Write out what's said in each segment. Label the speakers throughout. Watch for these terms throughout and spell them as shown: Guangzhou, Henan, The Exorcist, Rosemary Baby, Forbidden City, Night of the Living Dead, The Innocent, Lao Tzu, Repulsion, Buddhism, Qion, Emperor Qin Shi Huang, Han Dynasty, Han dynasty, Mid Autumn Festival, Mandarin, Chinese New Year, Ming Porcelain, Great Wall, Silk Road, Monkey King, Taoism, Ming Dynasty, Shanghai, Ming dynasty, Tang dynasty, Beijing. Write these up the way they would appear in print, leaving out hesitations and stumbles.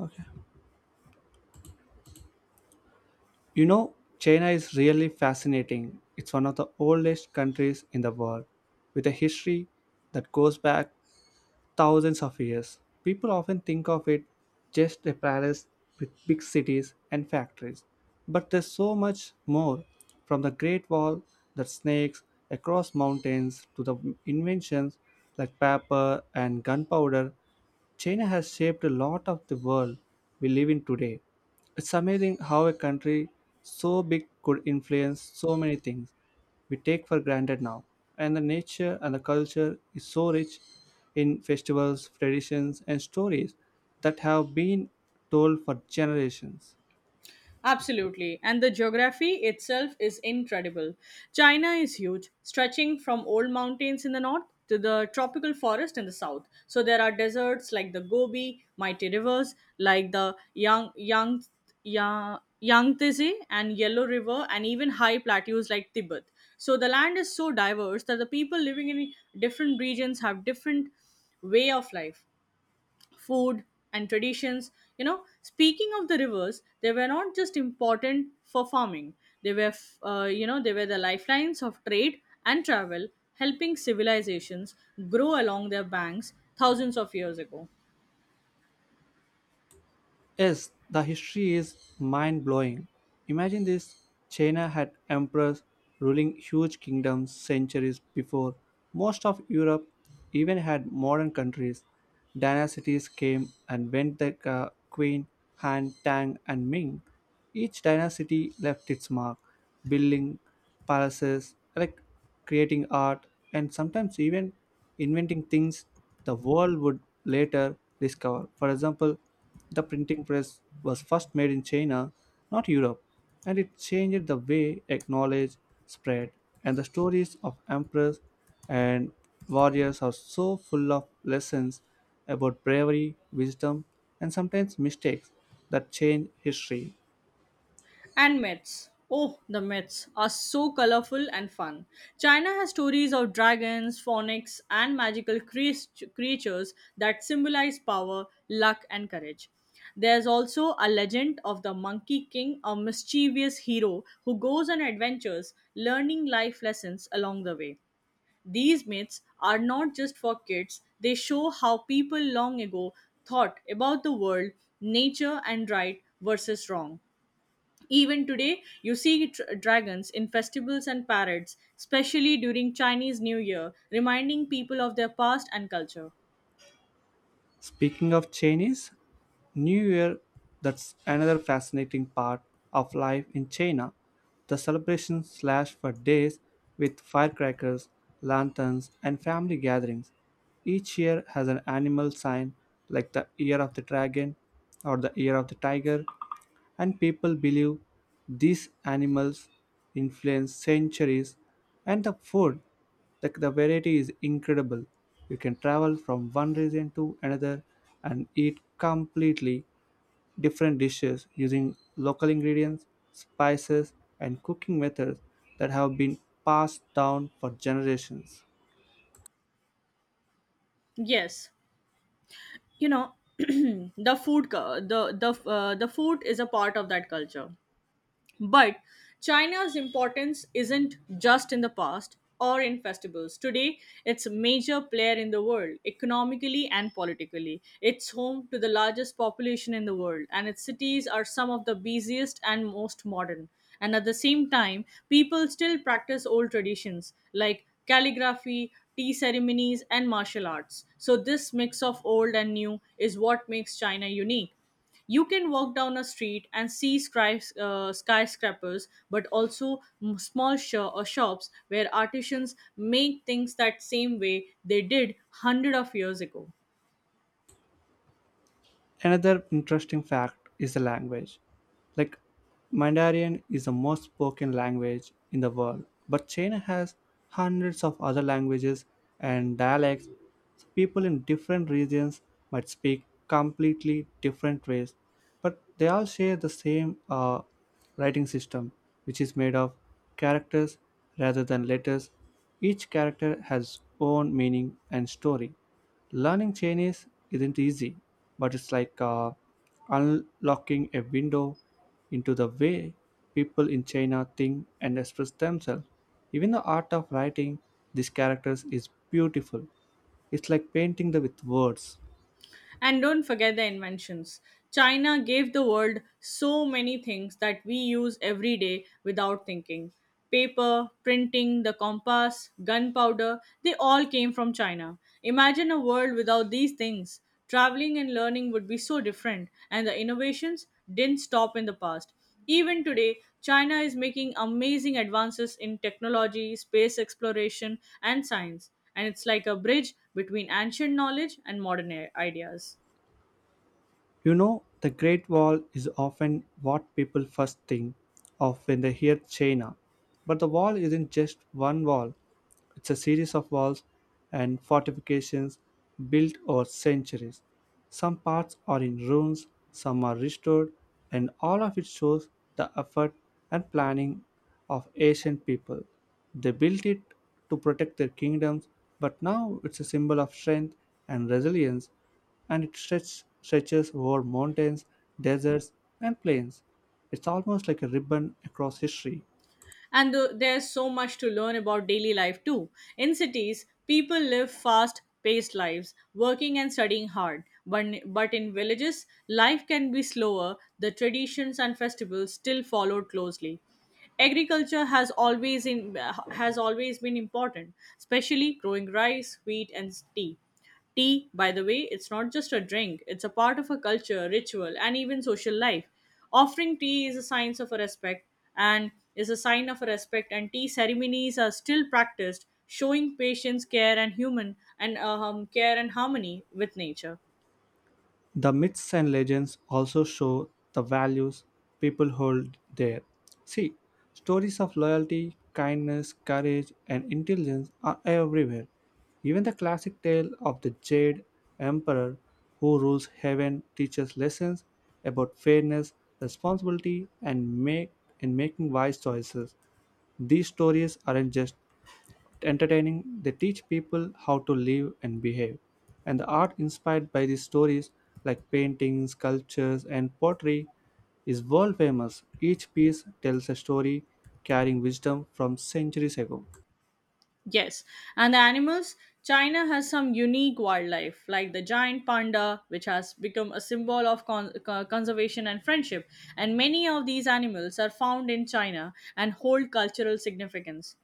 Speaker 1: Okay. You know, China is really fascinating. It's one of the oldest countries in the world with a history that goes back thousands of years. People often think of it just a palace with big cities and factories. But there's so much more, from the Great Wall that snakes across mountains to the inventions like paper and gunpowder. China has shaped a lot of the world we live in today. It's amazing how a country so big could influence so many things we take for granted now. And the nature and the culture is so rich in festivals, traditions, and stories that have been told for generations.
Speaker 2: Absolutely. And the geography itself is incredible. China is huge, stretching from old mountains in the north to the tropical forest in the south. So there are deserts like the Gobi, mighty rivers like the Yangtze and Yellow River and even high plateaus like Tibet. So the land is so diverse that the people living in different regions have different way of life, food, and traditions. You know, speaking of the rivers, they were not just important for farming. They were f- uh, you know they were the lifelines of trade and travel, helping civilizations grow along their banks thousands of years ago.
Speaker 1: Yes, the history is mind blowing. Imagine this, China had emperors ruling huge kingdoms centuries before most of Europe even had modern countries. Dynasties came and went, like Queen, Han, Tang, and Ming. Each dynasty left its mark, building palaces, like creating art, and sometimes even inventing things the world would later discover. For example, the printing press was first made in China, not Europe, and it changed the way knowledge spread. And the stories of emperors and warriors are so full of lessons about bravery, wisdom, and sometimes mistakes that change history.
Speaker 2: And myths. Oh, the myths are so colorful and fun. China has stories of dragons, phonics, and magical creatures that symbolize power, luck, and courage. There's also a legend of the Monkey King, a mischievous hero who goes on adventures, learning life lessons along the way. These myths are not just for kids, they show how people long ago thought about the world, nature, and right versus wrong. Even today, you see dragons in festivals and parades, especially during Chinese New Year, reminding people of their past and culture.
Speaker 1: Speaking of Chinese New Year, that's another fascinating part of life in China. The celebrations last for days with firecrackers, lanterns, and family gatherings. Each year has an animal sign like the year of the dragon or the year of the tiger, and people believe these animals influence centuries. And the food, the variety is incredible. You can travel from one region to another and eat completely different dishes using local ingredients, spices, and cooking methods that have been passed down for generations.
Speaker 2: Yes, you know, the food, the food is a part of that culture. But China's importance isn't just in the past or in festivals. Today, it's a major player in the world, economically and politically. It's home to the largest population in the world, and its cities are some of the busiest and most modern. And at the same time, people still practice old traditions like calligraphy, tea ceremonies, and martial arts. So, this mix of old and new is what makes China unique. You can walk down a street and see skyscrapers but also small shops where artisans make things that same way they did hundred of years ago.
Speaker 1: Another interesting fact is the language. Like, Mandarin is the most spoken language in the world, but China has hundreds of other languages and dialects. So people in different regions might speak completely different ways, but they all share the same writing system, which is made of characters rather than letters. Each character has own meaning and story. Learning Chinese isn't easy, but it's like, unlocking a window into the way people in China think and express themselves. Even the art of writing these characters is beautiful. It's like painting them with words.
Speaker 2: And don't forget the inventions. China gave the world so many things that we use every day without thinking. Paper, printing, the compass, gunpowder, they all came from China. Imagine a world without these things. Traveling and learning would be so different, and the innovations didn't stop in the past. Even today, China is making amazing advances in technology, space exploration, and science, and it's like a bridge between ancient knowledge and modern ideas.
Speaker 1: You know, the Great Wall is often what people first think of when they hear China. But the wall isn't just one wall. It's a series of walls and fortifications built over centuries. Some parts are in ruins, some are restored, and all of it shows the effort and planning of ancient people. They built it to protect their kingdoms, but now it's a symbol of strength and resilience, and it stretches over mountains, deserts, and plains. It's almost like a ribbon across history.
Speaker 2: And there's so much to learn about daily life too. In cities, people live fast paced lives, working and studying hard, but, but in villages life can be slower, the traditions and festivals still followed closely. Agriculture has always been important, especially growing rice, wheat, and tea. Tea, by the way, it's not just a drink, it's a part of a culture, ritual, and even social life. Offering tea is a sign of a respect and is a sign of a respect and tea ceremonies are still practiced, showing patience, care and harmony with nature.
Speaker 1: The myths and legends also show the values people hold there. See, stories of loyalty, kindness, courage, and intelligence are everywhere. Even the classic tale of the Jade Emperor who rules heaven teaches lessons about fairness, responsibility, and make and making wise choices. These stories aren't just entertaining. They teach people how to live and behave. And the art inspired by these stories, like paintings, sculptures, and pottery, is world famous. Each piece tells a story, carrying wisdom from centuries ago.
Speaker 2: Yes, and the animals. China has some unique wildlife, like the giant panda, which has become a symbol of conservation and friendship. And many of these animals are found in China and hold cultural significance.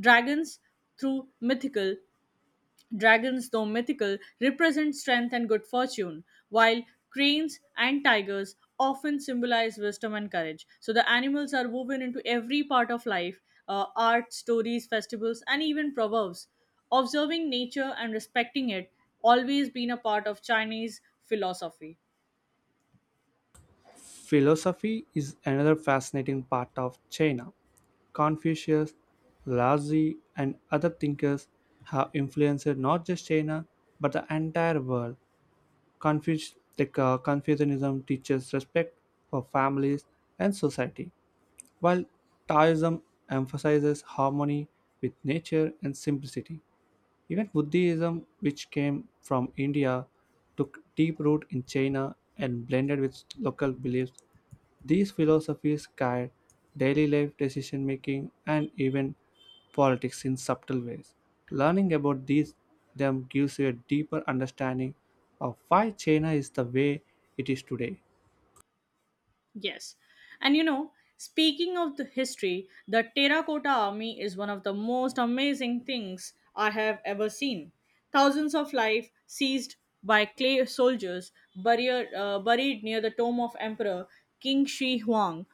Speaker 2: Dragons, through mythical Dragons, though mythical, represent strength and good fortune, while cranes and tigers often symbolize wisdom and courage. So the animals are woven into every part of life, art, stories, festivals, and even proverbs. Observing nature and respecting it always been a part of Chinese philosophy.
Speaker 1: Philosophy is another fascinating part of China. Confucius, Lao Tzu, and other thinkers have influenced not just China but the entire world. Confucianism teaches respect for families and society, while Taoism emphasizes harmony with nature and simplicity. Even Buddhism, which came from India, took deep root in China and blended with local beliefs. These philosophies guide daily life, decision making, and even politics in subtle ways. Learning about these them gives you a deeper understanding of why China is the way it is today.
Speaker 2: Yes. And you know, speaking of the history, the Terracotta Army is one of the most amazing things I have ever seen. Thousands of lives seized by clay soldiers buried near the tomb of Emperor King Shi Huang.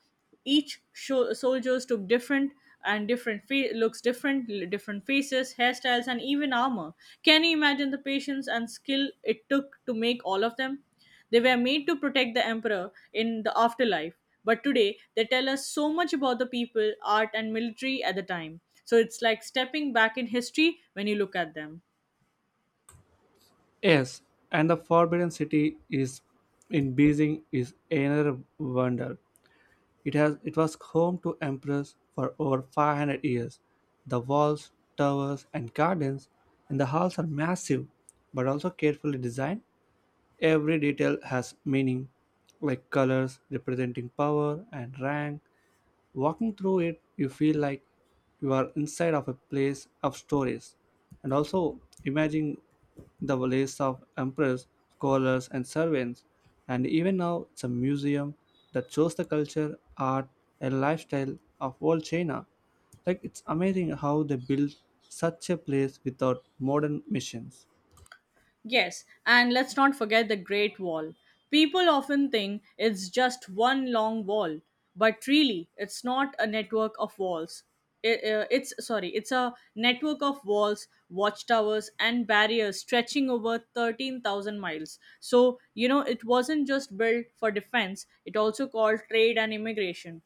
Speaker 2: Each soldiers took different and different fa- looks different different faces, hairstyles, and even armor. Can you imagine the patience and skill it took to make all of them? They were made to protect the emperor in the afterlife, but today they tell us so much about the people, art, and military at the time. So it's like stepping back in history when you look at them.
Speaker 1: Yes, and the Forbidden City is in Beijing is another wonder. It was home to emperors for over 500 years. The walls, towers, and gardens in the halls are massive, but also carefully designed. Every detail has meaning, like colors representing power and rank. Walking through it, you feel like you are inside of a place of stories. And also, imagine the lists of emperors, scholars, and servants. And even now, it's a museum that shows the culture, art, and lifestyle of old China. Like, it's amazing how they built such a place without modern machines.
Speaker 2: Yes, and let's not forget the Great Wall. People often think it's just one long wall, but really, it's not a network of walls. It's a network of walls, watchtowers, and barriers stretching over 13,000 miles. So, you know, it wasn't just built for defense, it also called trade and immigration.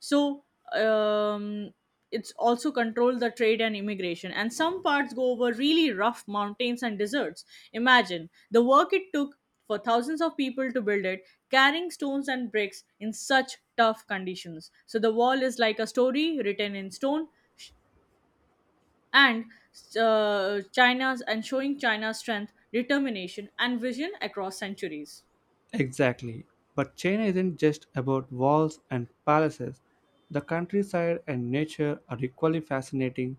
Speaker 2: so um, it's also controlled the trade and immigration, and some parts go over really rough mountains and deserts. Imagine the work it took for thousands of people to build it, carrying stones and bricks in such tough conditions. So the wall is like a story written in stone sh- and china's and showing china's strength, determination, and vision across centuries.
Speaker 1: Exactly. But China isn't just about walls and palaces. The countryside and nature are equally fascinating.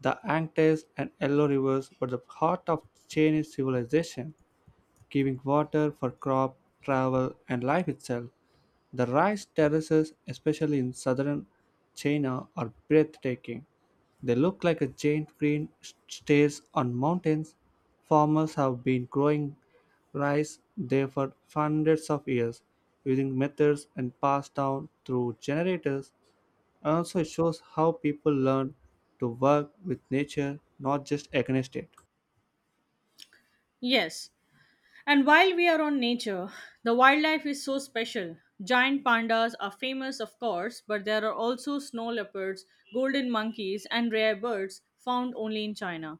Speaker 1: The Yangtze and Yellow Rivers were the heart of Chinese civilization, giving water for crop, travel, and life itself. The rice terraces, especially in southern China, are breathtaking. They look like a giant green stairs on mountains. Farmers have been growing rice there for hundreds of years using methods and passed down through generators. Also, it shows how people learn to work with nature, not just against it.
Speaker 2: Yes. And while we are on nature, the wildlife is so special. Giant pandas are famous, of course, but there are also snow leopards, golden monkeys, and rare birds found only in China.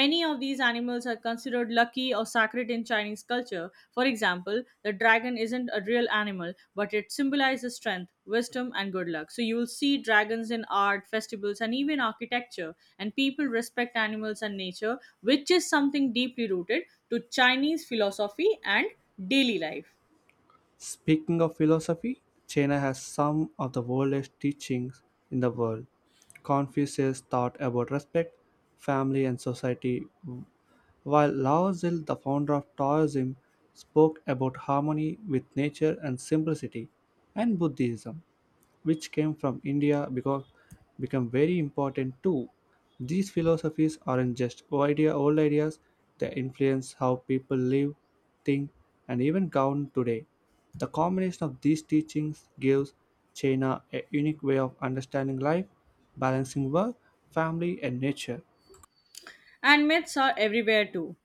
Speaker 2: Many of these animals are considered lucky or sacred in Chinese culture. For example, the dragon isn't a real animal, but it symbolizes strength, wisdom, and good luck. So you will see dragons in art, festivals, and even architecture. And people respect animals and nature, which is something deeply rooted to Chinese philosophy and daily life.
Speaker 1: Speaking of philosophy, China has some of the oldest teachings in the world. Confucius taught about respect, family, and society, while Lao Tzu, the founder of Taoism, spoke about harmony with nature and simplicity, and Buddhism, which came from India, become very important too. These philosophies aren't just old ideas, they influence how people live, think, and even count today. The combination of these teachings gives China a unique way of understanding life, balancing work, family, and nature.
Speaker 2: And myths are everywhere too.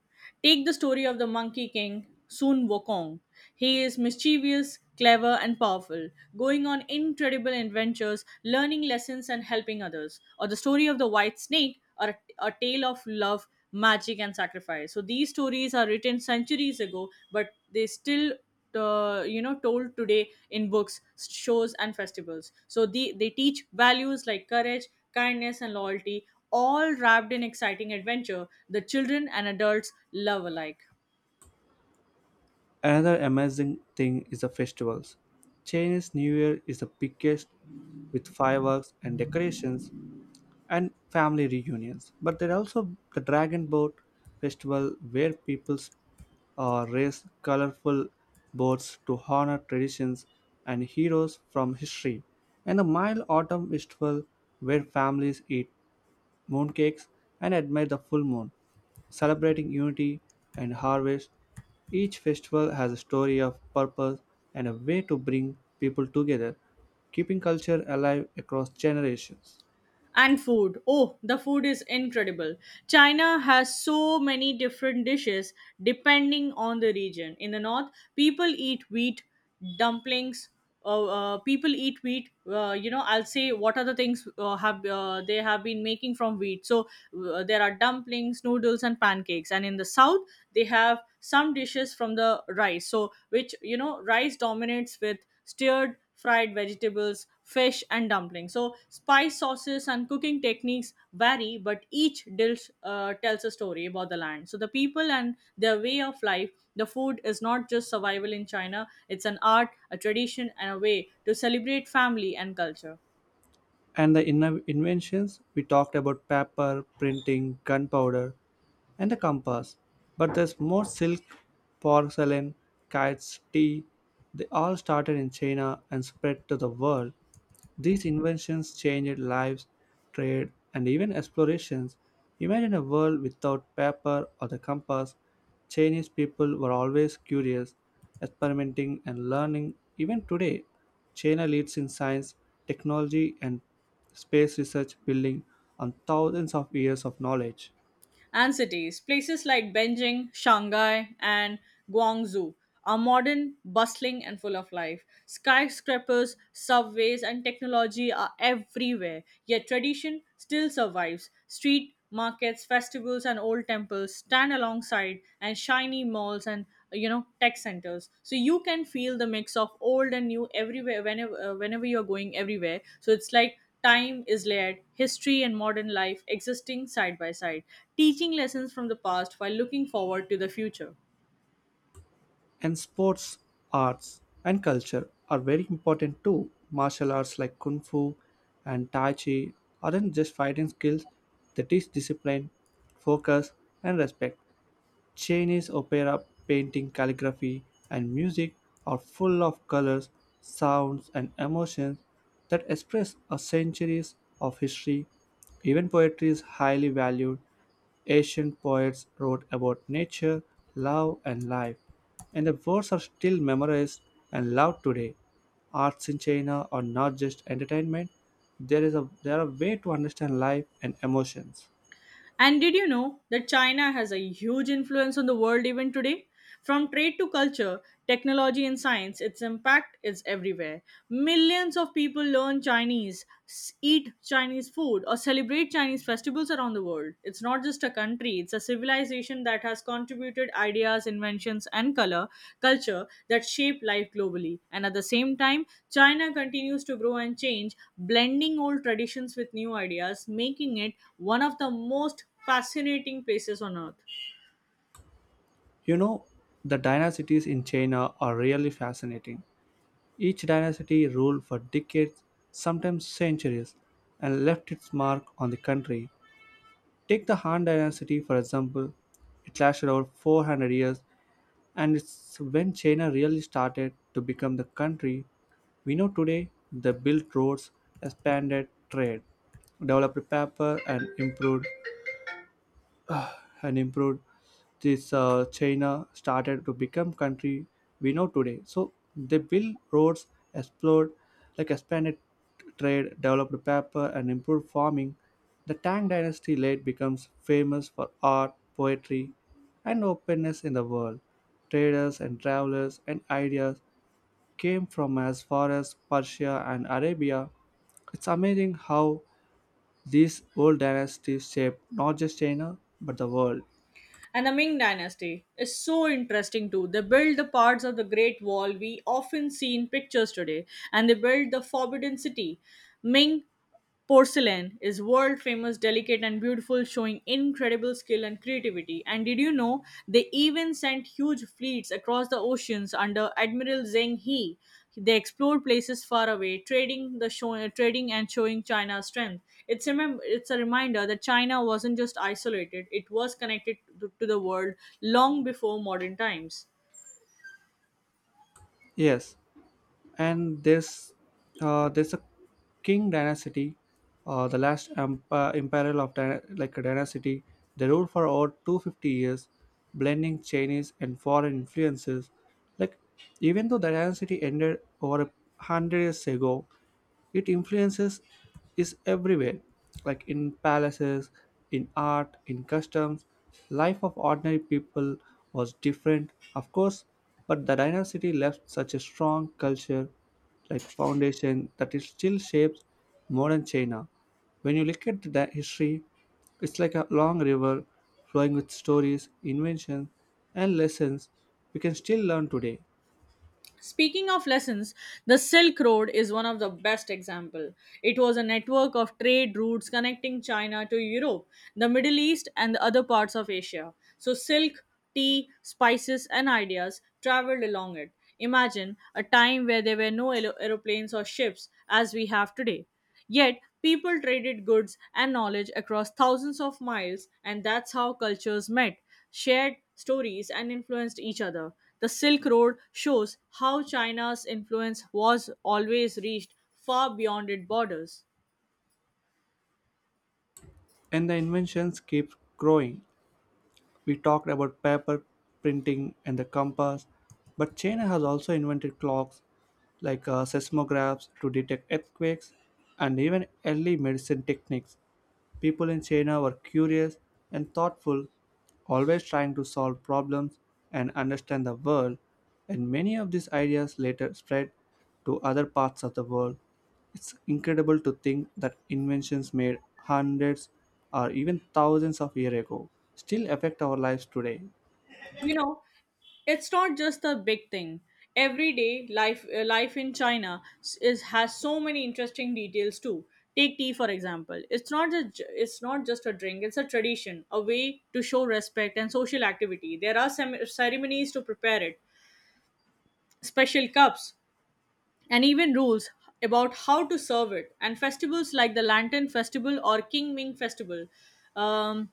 Speaker 2: Take the story of the Monkey King, Sun Wukong. He is mischievous, clever, and powerful, going on incredible adventures, learning lessons, and helping others. Or the story of the White Snake, or a tale of love, magic, and sacrifice. So these stories are written centuries ago, but they still you know told today in books, shows, and festivals. So they teach values like courage, kindness, and loyalty, all wrapped in exciting adventure the children and adults love alike.
Speaker 1: Another amazing thing is the festivals. Chinese New Year is the biggest, with fireworks and decorations, and family reunions. But there are also the Dragon Boat Festival, where people raise colorful boats to honor traditions and heroes from history. And the Mild Autumn Festival, where families eat mooncakes and admire the full moon, celebrating unity and harvest. Each festival has a story of purpose and a way to bring people together, keeping culture alive across generations.
Speaker 2: And food. Oh, the food is incredible. China has so many different dishes depending on the region. In the north, people eat wheat, dumplings, uh, people eat wheat you know I'll say what are the things have they have been making from wheat. So there are dumplings, noodles, and pancakes. And in the south, they have some dishes from the rice. So, which you know, rice dominates with stirred fried vegetables, fish, and dumplings. So, spice sauces and cooking techniques vary, but each dish tells a story about the land. So, the people and their way of life, the food is not just survival in China, it's an art, a tradition, and a way to celebrate family and culture.
Speaker 1: And the inventions, we talked about paper, printing, gunpowder, and the compass. But there's more: silk, porcelain, kites, tea. They all started in China and spread to the world. These inventions changed lives, trade, and even explorations. Imagine a world without paper or the compass. Chinese people were always curious, experimenting, and learning. Even today, China leads in science, technology, and space research, building on thousands of years of knowledge.
Speaker 2: And cities. Places like Beijing, Shanghai, and Guangzhou are modern, bustling, and full of life. Skyscrapers, subways, and technology are everywhere, yet tradition still survives. Street markets, festivals, and old temples stand alongside, and shiny malls and, you know, tech centers. So you can feel the mix of old and new everywhere, whenever you're going everywhere. So it's like time is layered, history and modern life existing side by side, teaching lessons from the past while looking forward to the future.
Speaker 1: And sports, arts, and culture are very important too. Martial arts like Kung Fu and Tai Chi aren't just fighting skills, they teach discipline, focus, and respect. Chinese opera, painting, calligraphy, and music are full of colors, sounds, and emotions that express a centuries of history. Even poetry is highly valued. Ancient poets wrote about nature, love, and life, and the words are still memorized and loved today. Arts in China are not just entertainment; there is a they are a way to understand life and emotions.
Speaker 2: And did you know that China has a huge influence on the world even today? From trade to culture, technology and science, its impact is everywhere. Millions of people learn Chinese, eat Chinese food, or celebrate Chinese festivals around the world. It's not just a country tree. It's a civilization that has contributed ideas, inventions, and color culture that shape life globally. And at the same time, China continues to grow and change, blending old traditions with new ideas, making it one of the most fascinating places on earth.
Speaker 1: You know, the dynasties in China are really fascinating. Each dynasty ruled for decades, sometimes centuries, and left its mark on the country. Take the Han dynasty, for example. It lasted over 400 years, and it's when China really started to become the country we know today. They built roads, expanded trade, developed paper, and improved this china started to become country we know today. So they built roads, explored, like expanded trade, developed paper, and improved farming. The Tang dynasty late becomes famous for art, poetry, and openness in the world. Traders and travelers and ideas came from as far as Persia and Arabia. It's amazing how these old dynasties shaped not just China but the world.
Speaker 2: And the Ming Dynasty is so interesting too. They built the parts of the Great Wall we often see in pictures today, and they built the Forbidden City. Ming Porcelain is world famous, delicate, and beautiful, showing incredible skill and creativity. And did you know they even sent huge fleets across the oceans under Admiral Zheng He? They explored places far away, trading and showing China's strength. It's a reminder that China wasn't just isolated; it was connected to the world long before modern times.
Speaker 1: Yes, and there's a King dynasty, imperial of dyna- like a dynasty. They ruled for over 250 years, blending Chinese and foreign influences. Like, even though the dynasty ended over a hundred years ago, it influences is everywhere, like in palaces, in art, in customs. Life of ordinary people was different, of course, but the dynasty left such a strong culture, like foundation, that it still shapes modern China. When you look at the history, it's like a long river flowing with stories, inventions, and lessons we can still learn today.
Speaker 2: Speaking of lessons, the Silk Road is one of the best example. It was a network of trade routes connecting China to Europe, the Middle East and the other parts of Asia. So silk, tea, spices and ideas traveled along it. Imagine a time where there were no aeroplanes or ships as we have today. Yet, people traded goods and knowledge across thousands of miles, and that's how cultures met, shared stories, and influenced each other. The Silk Road shows how China's influence was always reached far beyond its borders.
Speaker 1: And the inventions keep growing. We talked about paper, printing, and the compass, but China has also invented clocks, like, seismographs to detect earthquakes and even early medicine techniques. People in China were curious and thoughtful, always trying to solve problems and understand the world, and many of these ideas later spread to other parts of the world. It's incredible to think that inventions made hundreds or even thousands of years ago still affect our lives today.
Speaker 2: You know, it's not just a big thing. Everyday life life in China s- is has so many interesting details too. Take tea for example. It's not just it's not just a drink, it's a tradition, a way to show respect and social activity. There are some ceremonies to prepare it, special cups, and even rules about how to serve it. And festivals like the Lantern Festival or King Ming Festival um,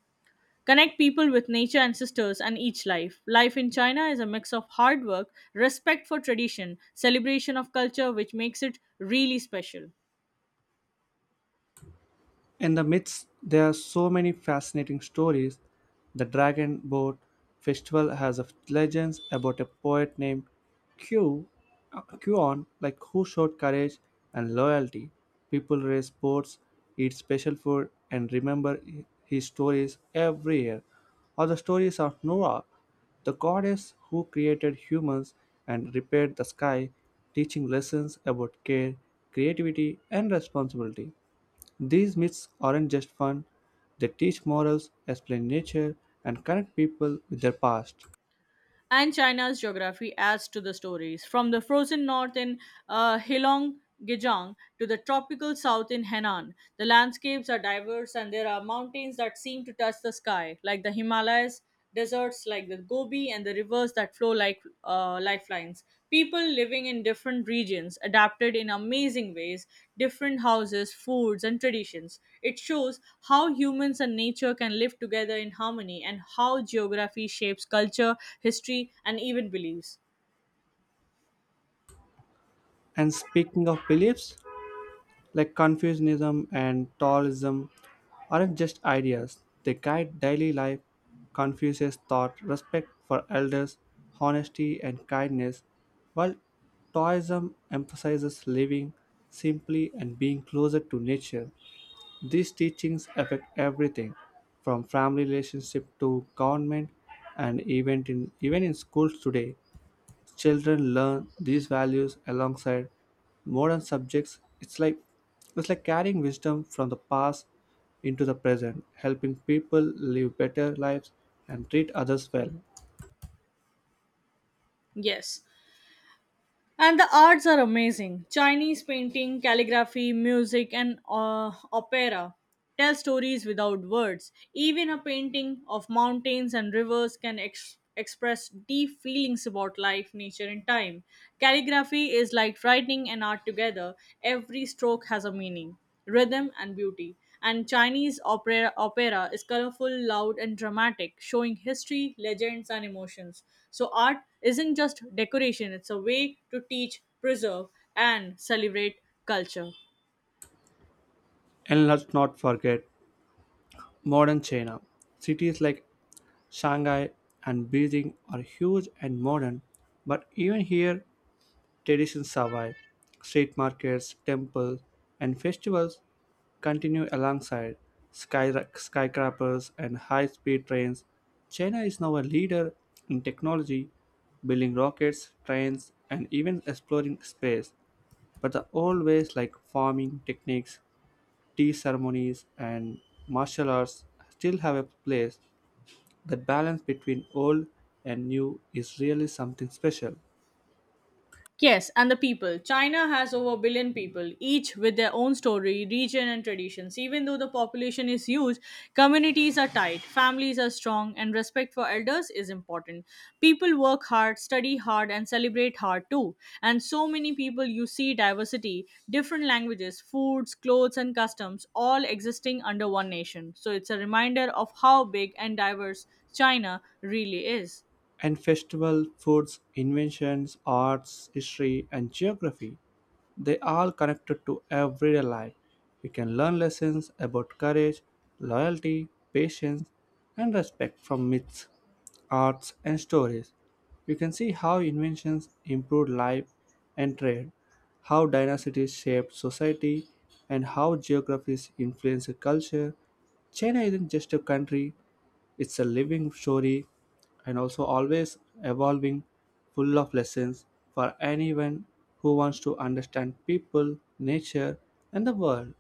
Speaker 2: connect people with nature, ancestors, and each life. Life in China is a mix of hard work, respect for tradition, celebration of culture, which makes it really special.
Speaker 1: In the myths, there are so many fascinating stories. The Dragon Boat Festival has a legends about a poet named Q, Qion, like, who showed courage and loyalty. People race boats, eat special food, and remember his stories every year. Or the stories of Noah, the goddess who created humans and repaired the sky, teaching lessons about care, creativity, and responsibility. These myths aren't just fun, they teach morals, explain nature, and connect people with their past.
Speaker 2: And China's geography adds to the stories. From the frozen north in Heilongjiang to the tropical south in Henan, the landscapes are diverse, and there are mountains that seem to touch the sky, like the Himalayas, deserts like the Gobi, and the rivers that flow like lifelines. People living in different regions adapted in amazing ways: different houses, foods, and traditions. It shows how humans and nature can live together in harmony, and how geography shapes culture, history, and even beliefs.
Speaker 1: And speaking of beliefs, like, Confucianism and Taoism aren't just ideas, they guide daily life. Confucius taught respect for elders, honesty, and kindness, while Taoism emphasizes living simply and being closer to nature. These teachings affect everything from family relationship to government and even in schools today. Children learn these values alongside modern subjects. It's like carrying wisdom from the past into the present, helping people live better lives and treat others well.
Speaker 2: Yes, and the arts are amazing. Chinese painting, calligraphy, music, and opera tell stories without words. Even a painting of mountains and rivers can express deep feelings about life, nature, and time. Calligraphy is like writing and art together, every stroke has a meaning, rhythm, and beauty. And Chinese opera is colorful, loud, and dramatic, showing history, legends, and emotions. So art isn't just decoration, it's a way to teach, preserve, and celebrate culture.
Speaker 1: And let's not forget modern China. Cities like Shanghai and Beijing are huge and modern, but even here, traditions survive. Street markets, temples, and festivals continue alongside skyscrapers and high speed trains. China is now a leader in technology, building rockets, trains, and even exploring space. But the old ways, like farming techniques, tea ceremonies, and martial arts, still have a place. That balance between old and new is really something special.
Speaker 2: Yes, and the people. China has over a billion people, each with their own story, region, and traditions. Even though the population is huge, communities are tight, families are strong, and respect for elders is important. People work hard, study hard, and celebrate hard too. And so many people, you see diversity: different languages, foods, clothes, and customs all existing under one nation. So it's a reminder of how big and diverse China really is.
Speaker 1: And festival, foods, inventions, arts, history, and geography, they all connected to everyday life. You can learn lessons about courage, loyalty, patience, and respect from myths, arts, and stories. You can see how inventions improved life and trade, how dynasties shaped society, and how geographies influence culture. China isn't just a country, it's a living story, and also always evolving, full of lessons for anyone who wants to understand people, nature, and the world.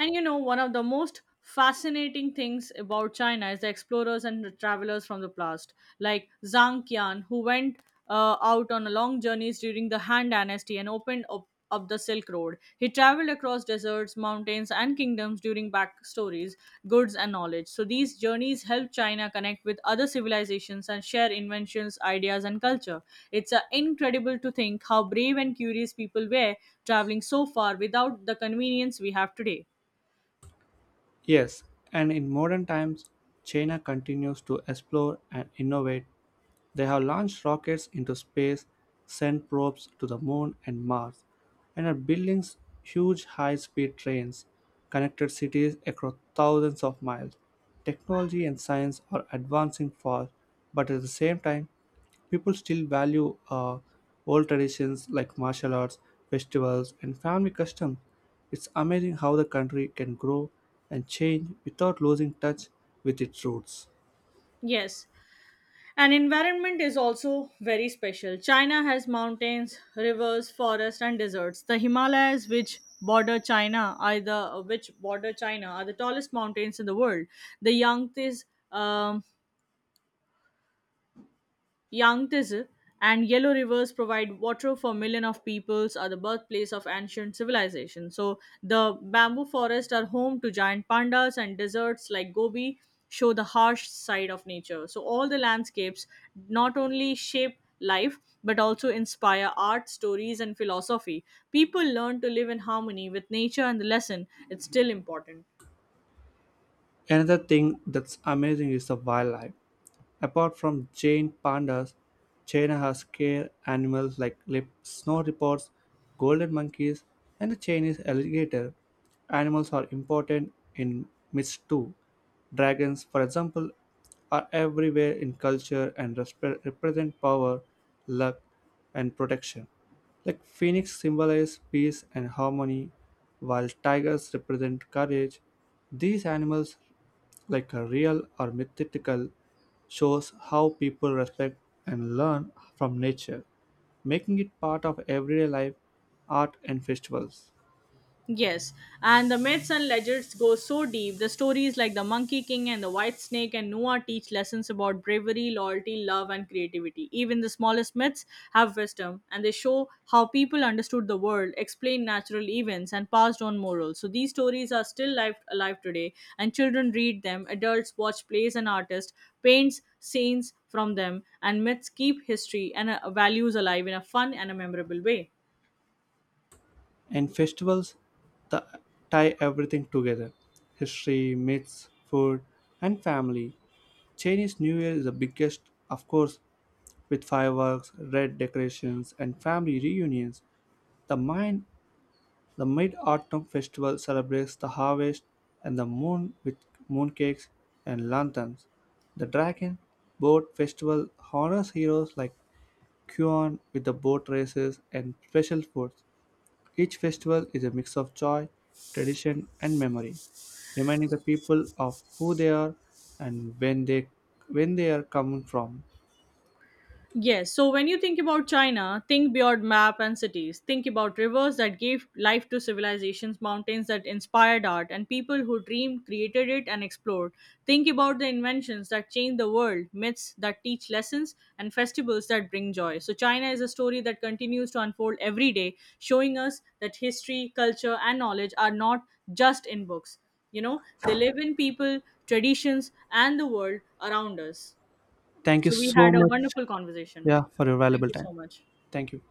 Speaker 2: And you know, one of the most fascinating things about China is the explorers and the travelers from the past, like Zhang Qian, who went out on long journeys during the Han Dynasty and opened up the Silk Road. He traveled across deserts, mountains, and kingdoms during backstories, goods, and knowledge. So these journeys help China connect with other civilizations and share inventions, ideas, and culture. It's incredible to think how brave and curious people were, traveling so far without the convenience we have today.
Speaker 1: Yes, and in modern times, China continues to explore and innovate. They have launched rockets into space, sent probes to the moon and Mars, and are building huge high speed trains, connected cities across thousands of miles. Technology and science are advancing fast, but at the same time, people still value old traditions like martial arts, festivals, and family customs. It's amazing how the country can grow and change without losing touch with its roots.
Speaker 2: Yes, and environment is also very special. China has mountains, rivers, forests, and deserts. The Himalayas, which border China, are the tallest mountains in the world. The Yangtze um, Yangtze and Yellow Rivers provide water for millions of peoples, are the birthplace of ancient civilization. So the bamboo forests are home to giant pandas, and deserts like Gobi show the harsh side of nature. So all the landscapes not only shape life but also inspire art, stories, and philosophy. People learn to live in harmony with nature, and the lesson it's still important.
Speaker 1: Another thing that's amazing is the wildlife. Apart from giant pandas, China has scare animals like lip snow leopards, golden monkeys, and the Chinese alligator. Animals are important in myths too. Dragons, for example, are everywhere in culture and represent power, luck, and protection. Like phoenix symbolize peace and harmony, while tigers represent courage. These animals, like a real or mythical, shows how people respect and learn from nature, making it part of everyday life, art, and festivals.
Speaker 2: Yes, and the myths and legends go so deep. The stories like the Monkey King and the White Snake and Noah teach lessons about bravery, loyalty, love, and creativity. Even the smallest myths have wisdom, and they show how people understood the world, explained natural events, and passed on morals. So these stories are still life, alive today, and children read them, adults watch plays, and artists paints scenes from them, and myths keep history and values alive in a fun and a memorable way.
Speaker 1: And festivals, the, tie everything together: history, myths, food, and family. Chinese New Year is the biggest, of course, with fireworks, red decorations, and family reunions. The mind The Mid Autumn Festival celebrates the harvest and the moon with mooncakes and lanterns. The Dragon Boat Festival honors heroes like Kuan with the boat races and special foods. Each festival is a mix of joy, tradition, and memory, reminding the people of who they are and when they are coming from.
Speaker 2: Yes, so when you think about China, think beyond map and cities. Think about rivers that gave life to civilizations, mountains that inspired art, and people who dreamed, created it, and explored. Think about the inventions that changed the world, myths that teach lessons, and festivals that bring joy. So China is a story that continues to unfold every day, showing us that history, culture, and knowledge are not just in books. You know, they live in people, traditions, and the world around us.
Speaker 1: Thank you
Speaker 2: So we
Speaker 1: so
Speaker 2: had a
Speaker 1: much,
Speaker 2: wonderful conversation.
Speaker 1: yeah, for your
Speaker 2: Thank
Speaker 1: valuable
Speaker 2: you so
Speaker 1: time.
Speaker 2: much.
Speaker 1: Thank you.